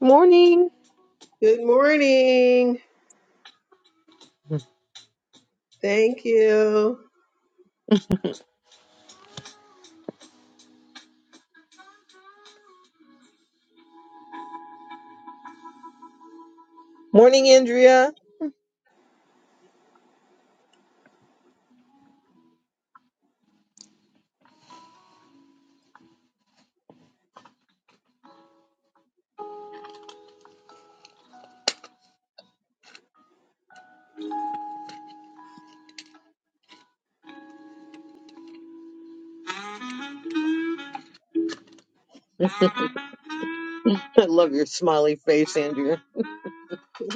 Morning. Good morning. Thank you. Morning, Andrea. I love your smiley face, Andrea.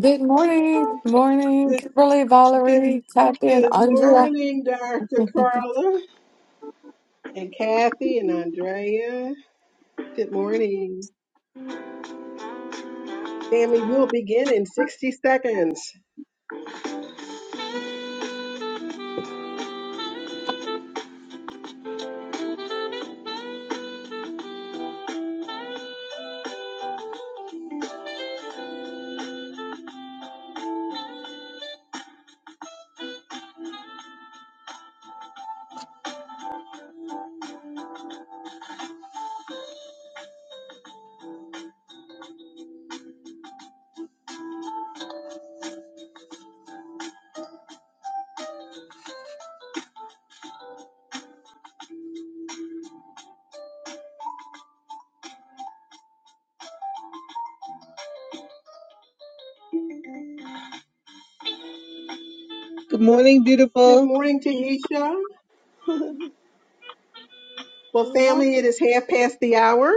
Good morning. Good morning. Good, Kimberly, good, Valerie, tap in, good Andrea. morning, Dr. Good Carla and Kathy and Andrea. Good morning. Family, we'll begin in 60 seconds. Good morning, Good beautiful. morning, Taisha. Well, family, it morning. is half past the hour,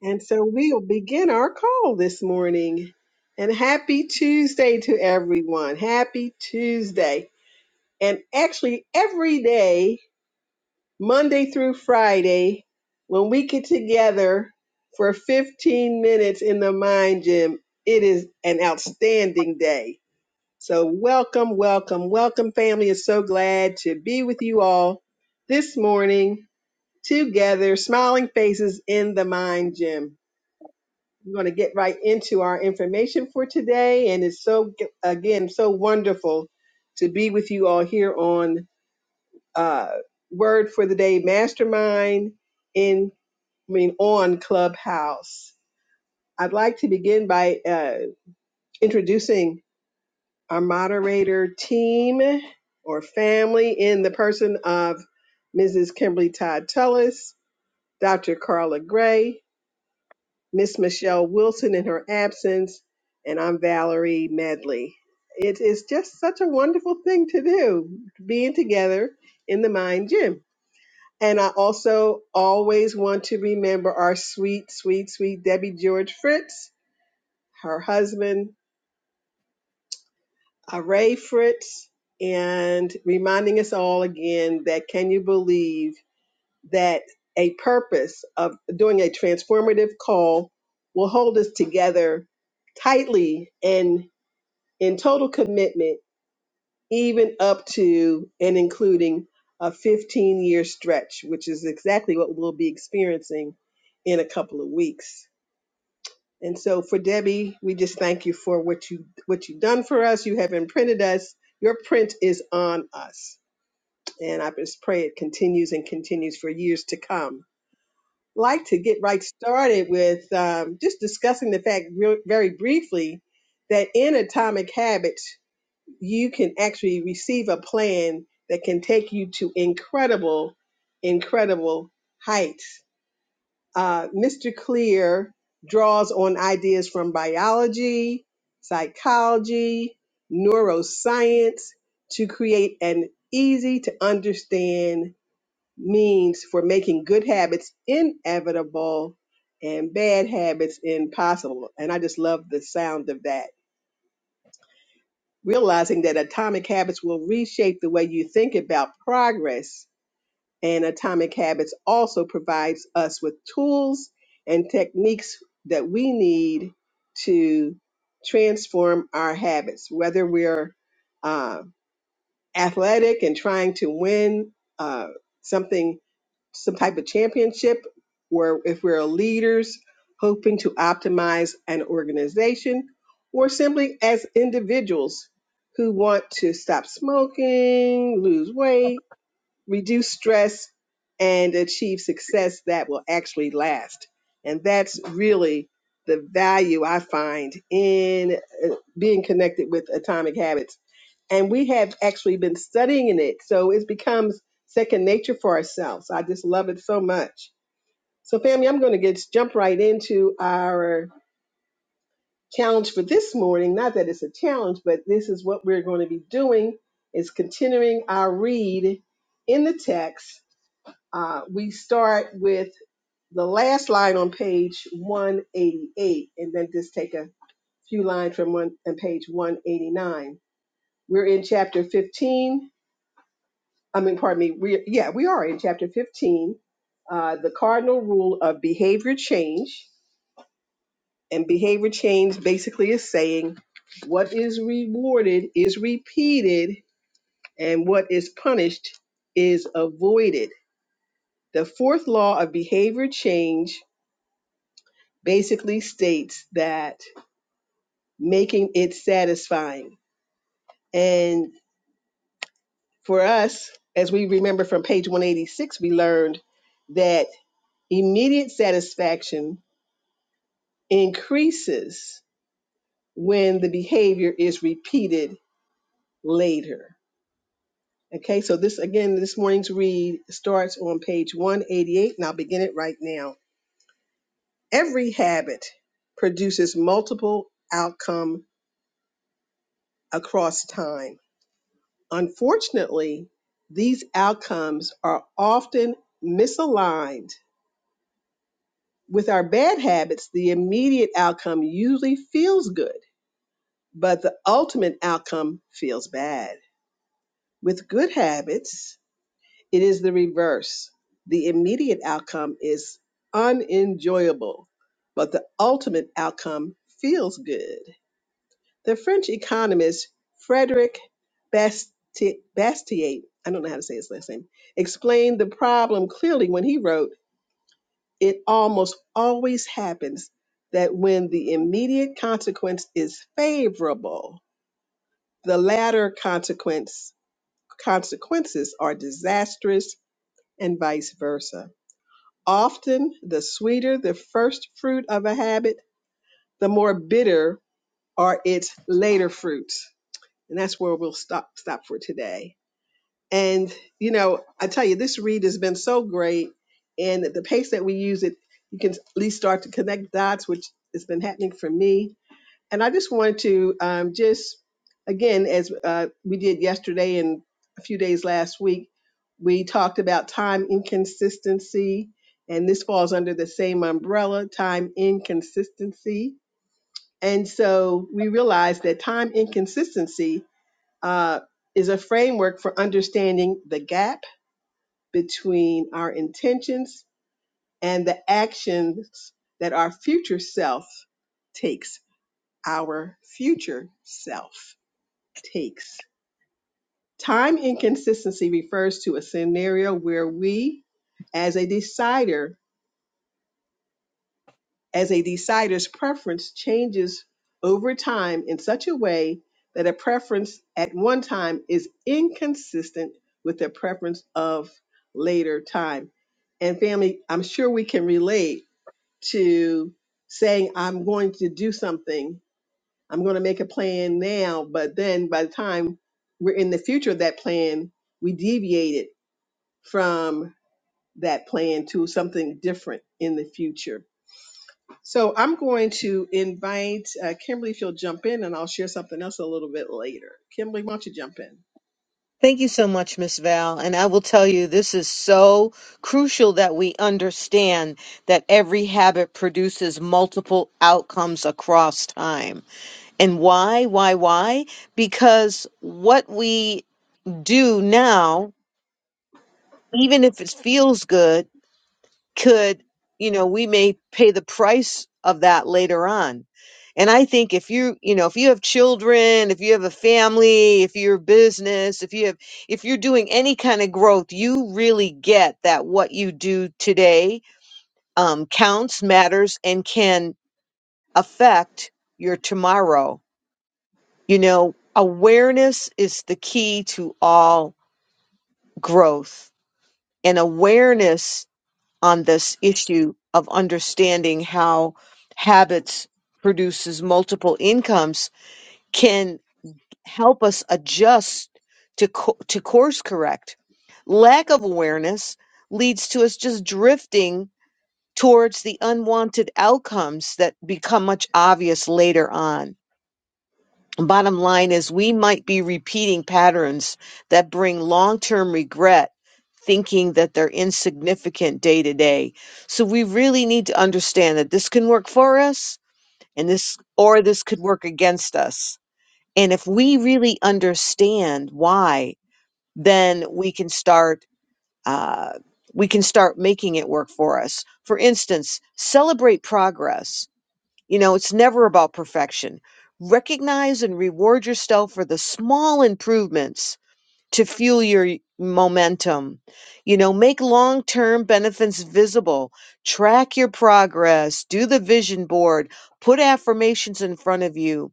and so we will begin our call this morning. And happy Tuesday to everyone. Happy Tuesday. And actually, every day Monday through Friday when we get together for 15 minutes in the mind gym. It is an outstanding day. So, welcome, welcome, welcome, family. Is so glad to be with you all this morning together, smiling faces in the mind gym. We're going to get right into our information for today. And it's so, again, so wonderful to be with you all here on uh, word for the day mastermind in I mean on Clubhouse. I'd like to begin by uh, introducing our moderator team or family in the person of Mrs. Kimberly Todd Tullis, Dr. Carla Gray, Miss Michelle Wilson in her absence, and I'm Valerie Medley. It is just such a wonderful thing to do, being together in the Mind Gym. And I also always want to remember our sweet, sweet, sweet Debbie George Fritz, her husband, Ray Fritz, and reminding us all again that can you believe that a purpose of doing a transformative call will hold us together tightly and in total commitment even up to and including a 15 year stretch, which is exactly what we'll be experiencing in a couple of weeks. And so for Debbie, we just thank you for what you what you've done for us. You have imprinted us. Your print is on us. And I just pray it continues and continues for years to come. Like to get right started with um, just discussing the fact real, very briefly that in Atomic Habits you can actually receive a plan that can take you to incredible, incredible heights. Uh, Mr. Clear draws on ideas from biology, psychology, neuroscience to create an easy to understand means for making good habits inevitable and bad habits impossible. And I just love the sound of that realizing that atomic habits will reshape the way you think about progress and atomic habits also provides us with tools and techniques that we need to transform our habits whether we're uh, athletic and trying to win uh, something some type of championship or if we're leaders hoping to optimize an organization or simply as individuals who want to stop smoking, lose weight, reduce stress and achieve success that will actually last. And that's really the value I find in uh, being connected with Atomic Habits and we have actually been studying it so it becomes second nature for ourselves i just love it so much so family i'm going to get jump right into our challenge for this morning not that it's a challenge but this is what we're going to be doing is continuing our read in the text uh, we start with the last line on page 188 and then just take a few lines from one on page 189 we're in chapter 15 I mean, pardon me. We yeah, we are in chapter 15, uh, the cardinal rule of behavior change. And behavior change basically is saying what is rewarded is repeated, and what is punished is avoided. The fourth law of behavior change basically states that making it satisfying. And for us, as we remember from page 186, we learned that immediate satisfaction increases when the behavior is repeated later. Okay, so this again, this morning's read starts on page 188, and I'll begin it right now. Every habit produces multiple outcome across time. Unfortunately, these outcomes are often misaligned. With our bad habits, the immediate outcome usually feels good, but the ultimate outcome feels bad. With good habits, it is the reverse. The immediate outcome is unenjoyable, but the ultimate outcome feels good. The French economist Frederick Basti- Bastiat, I don't know how to say his last name, explained the problem clearly when he wrote, It almost always happens that when the immediate consequence is favorable, the latter consequence consequences are disastrous and vice versa. Often, the sweeter the first fruit of a habit, the more bitter are its later fruits. And that's where we'll stop stop for today. And you know, I tell you, this read has been so great, and at the pace that we use it, you can at least start to connect dots, which has been happening for me and I just wanted to um, just, again, as uh, we did yesterday and a few days last week, we talked about time inconsistency, and this falls under the same umbrella time inconsistency. And so we realized that time inconsistency uh, is a framework for understanding the gap between our intentions and the actions that our future self takes our future self takes. Time inconsistency refers to a scenario where we, as a decider, as a decider's preference changes over time in such a way that a preference at one time is inconsistent with the preference of later time. And family, I'm sure we can relate to saying I'm going to do something I'm going to make a plan now, but then by the time we're in the future of that plan, we deviated from that plan to something different in the future. So I'm going to invite uh, Kimberly if you'll jump in and I'll share something else a little bit later. Kimberly, why don't you jump in? Thank you so much, Miss Val. And I will tell you, this is so crucial that we understand that every habit produces multiple outcomes across time. And why? Why? Why? Because what we do now, even if it feels good, could, you know, we may pay the price of that later on. And I think if you, you know, if you have children, if you have a family, if you're a business, if you have, if you're doing any kind of growth, you really get that what you do today um, counts, matters, and can affect your tomorrow. You know, awareness is the key to all growth. And awareness on this issue of understanding how habits produces multiple incomes can help us adjust to co- to course correct lack of awareness leads to us just drifting towards the unwanted outcomes that become much obvious later on Bottom line is, we might be repeating patterns that bring long term regret, thinking that they're insignificant day to day. So we really need to understand that this can work for us and this, or this could work against us. And if we really understand why, then we can start, uh, we can start making it work for us. For instance, celebrate progress you know, it's never about perfection. Recognize and reward yourself for the small improvements to fuel your y- momentum. You know, make long term benefits visible, track your progress, do the vision board, put affirmations in front of you,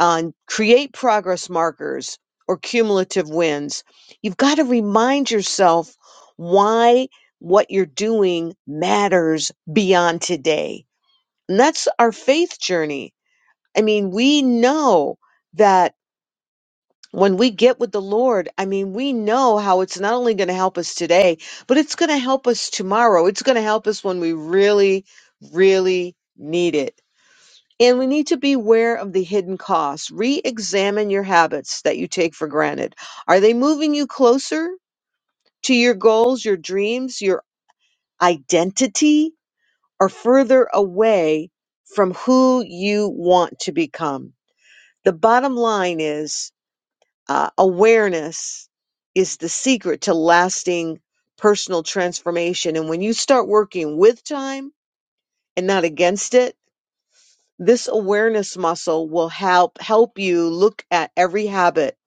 on create progress markers or cumulative wins. You've got to remind yourself why what you're doing matters beyond today. And that's our faith journey I mean, we know that when we get with the Lord, I mean, we know how it's not only going to help us today, but it's going to help us tomorrow. It's going to help us when we really, really need it. And we need to be aware of the hidden costs. Re examine your habits that you take for granted. Are they moving you closer to your goals, your dreams, your identity, or further away from who you want to become? The bottom line is uh, awareness is the secret to lasting personal transformation. And when you start working with time and not against it, this awareness muscle will help help you look at every habit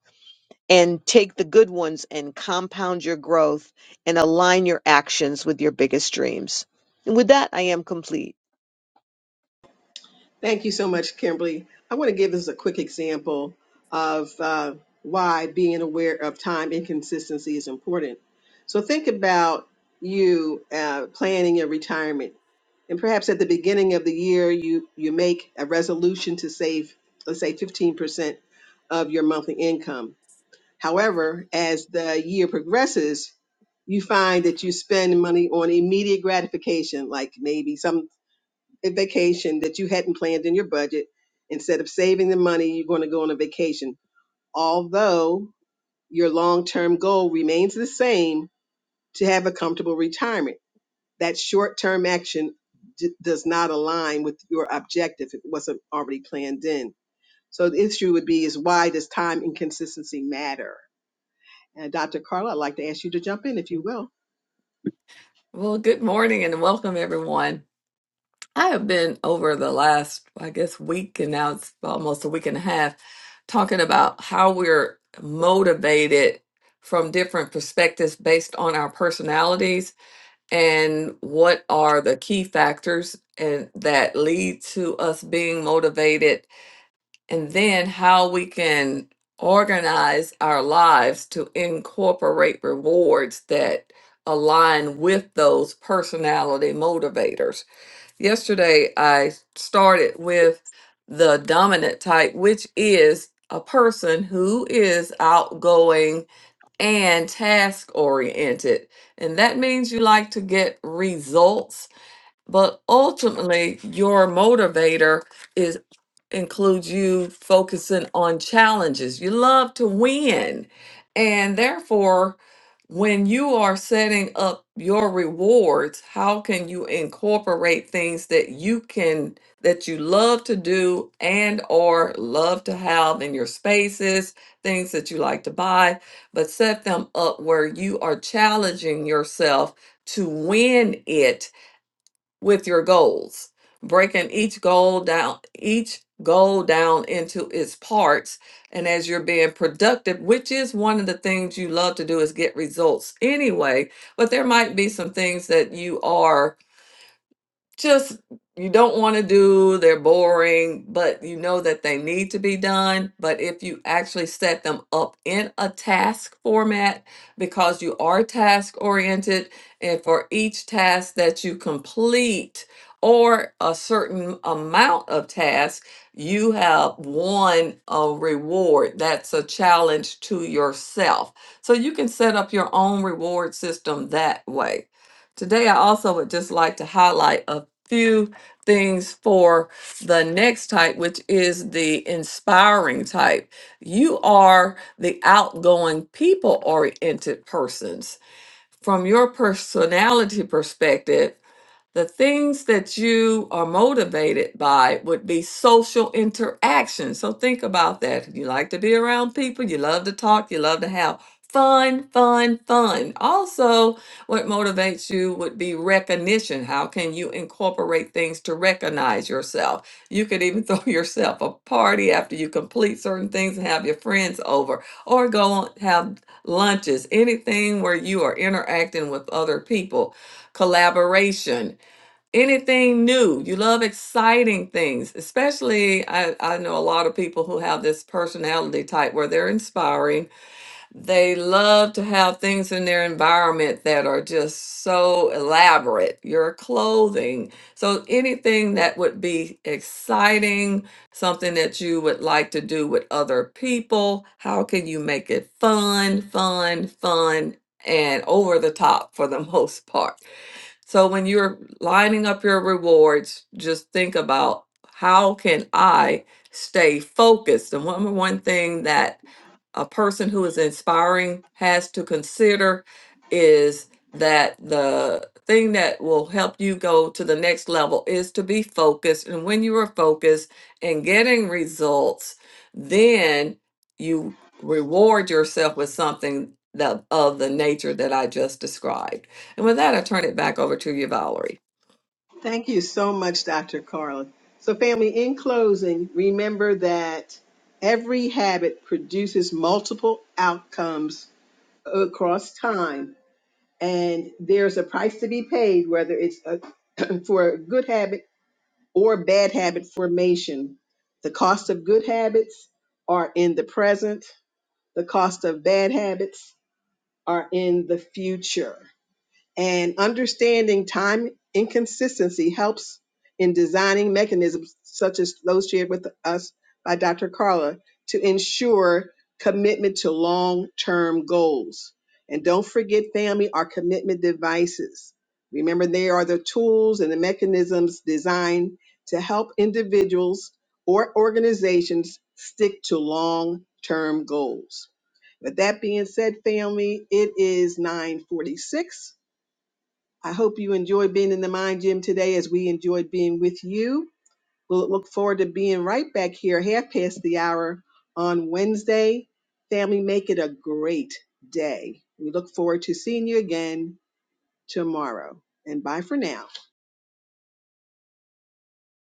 and take the good ones and compound your growth and align your actions with your biggest dreams. And with that, I am complete. Thank you so much, Kimberly. I want to give us a quick example of uh, why being aware of time inconsistency is important. So, think about you uh, planning your retirement, and perhaps at the beginning of the year, you you make a resolution to save, let's say, fifteen percent of your monthly income. However, as the year progresses, you find that you spend money on immediate gratification, like maybe some a vacation that you hadn't planned in your budget. Instead of saving the money, you're going to go on a vacation. Although your long term goal remains the same to have a comfortable retirement, that short term action d- does not align with your objective. if It wasn't already planned in. So the issue would be is why does time and consistency matter? And Dr. Carla, I'd like to ask you to jump in if you will. Well, good morning and welcome everyone. I have been over the last, I guess, week, and now it's almost a week and a half, talking about how we're motivated from different perspectives based on our personalities and what are the key factors and that lead to us being motivated, and then how we can organize our lives to incorporate rewards that align with those personality motivators Yesterday, I started with the dominant type, which is a person who is outgoing and task oriented. And that means you like to get results but ultimately your motivator is includes you focusing on challenges you love to win and therefore when you are setting up your rewards how can you incorporate things that you can that you love to do and or love to have in your spaces things that you like to buy but set them up where you are challenging yourself to win it with your goals, breaking each goal down, each goal down into its parts. And as you're being productive, which is one of the things you love to do is get results anyway, but there might be some things that you are just you don't want to do, they're boring, but you know that they need to be done. But if you actually set them up in a task format, because you are task oriented, and for each task that you complete or a certain amount of tasks, you have won a reward that's a challenge to yourself. So you can set up your own reward system that way. Today, I also would just like to highlight a few things for the next type, which is the inspiring type. You are the outgoing, people oriented persons. From your personality perspective, the things that you are motivated by would be social interaction. So think about that. You like to be around people, you love to talk, you love to have fun, fun, fun. Also, what motivates you would be recognition. How can you incorporate things to recognize yourself? You could even throw yourself a party after you complete certain things and have your friends over, or go on, have lunches, anything where you are interacting with other people collaboration anything new. You love exciting things, especially I, I know a lot of people who have this personality type where they're inspiring. They love to have things in their environment that are just so elaborate, your clothing. So anything that would be exciting, something that you would like to do with other people, how can you make it fun, fun, fun? And over the top for the most part. So when you're lining up your rewards, just think about how can I stay focused? and one one thing that a person who is inspiring has to consider is that the thing that will help you go to the next level is to be focused. And when you are focused and getting results, then you reward yourself with something that of the nature that I just described. And with that, I turn it back over to you, Valerie. Thank you so much, Dr. Carla. So, family, in closing, remember that every habit produces multiple outcomes across time, and there's a price to be paid, whether it's a, for a good habit or bad habit formation. The cost of good habits are in the present, the cost of bad habits are in the future. And understanding time inconsistency helps in designing mechanisms such as those shared with us by Dr. Carla to ensure commitment to long term goals. And don't forget, family, our commitment devices. Remember, they are the tools and the mechanisms designed to help individuals or organizations stick to long term goals. With that being said, family, it is 946 I hope you enjoyed being in the Mind Gym today as we enjoyed being with you. We'll look forward to being right back here, half past the hour on Wednesday. Family, make it a great day. We look forward to seeing you again tomorrow. And bye for now.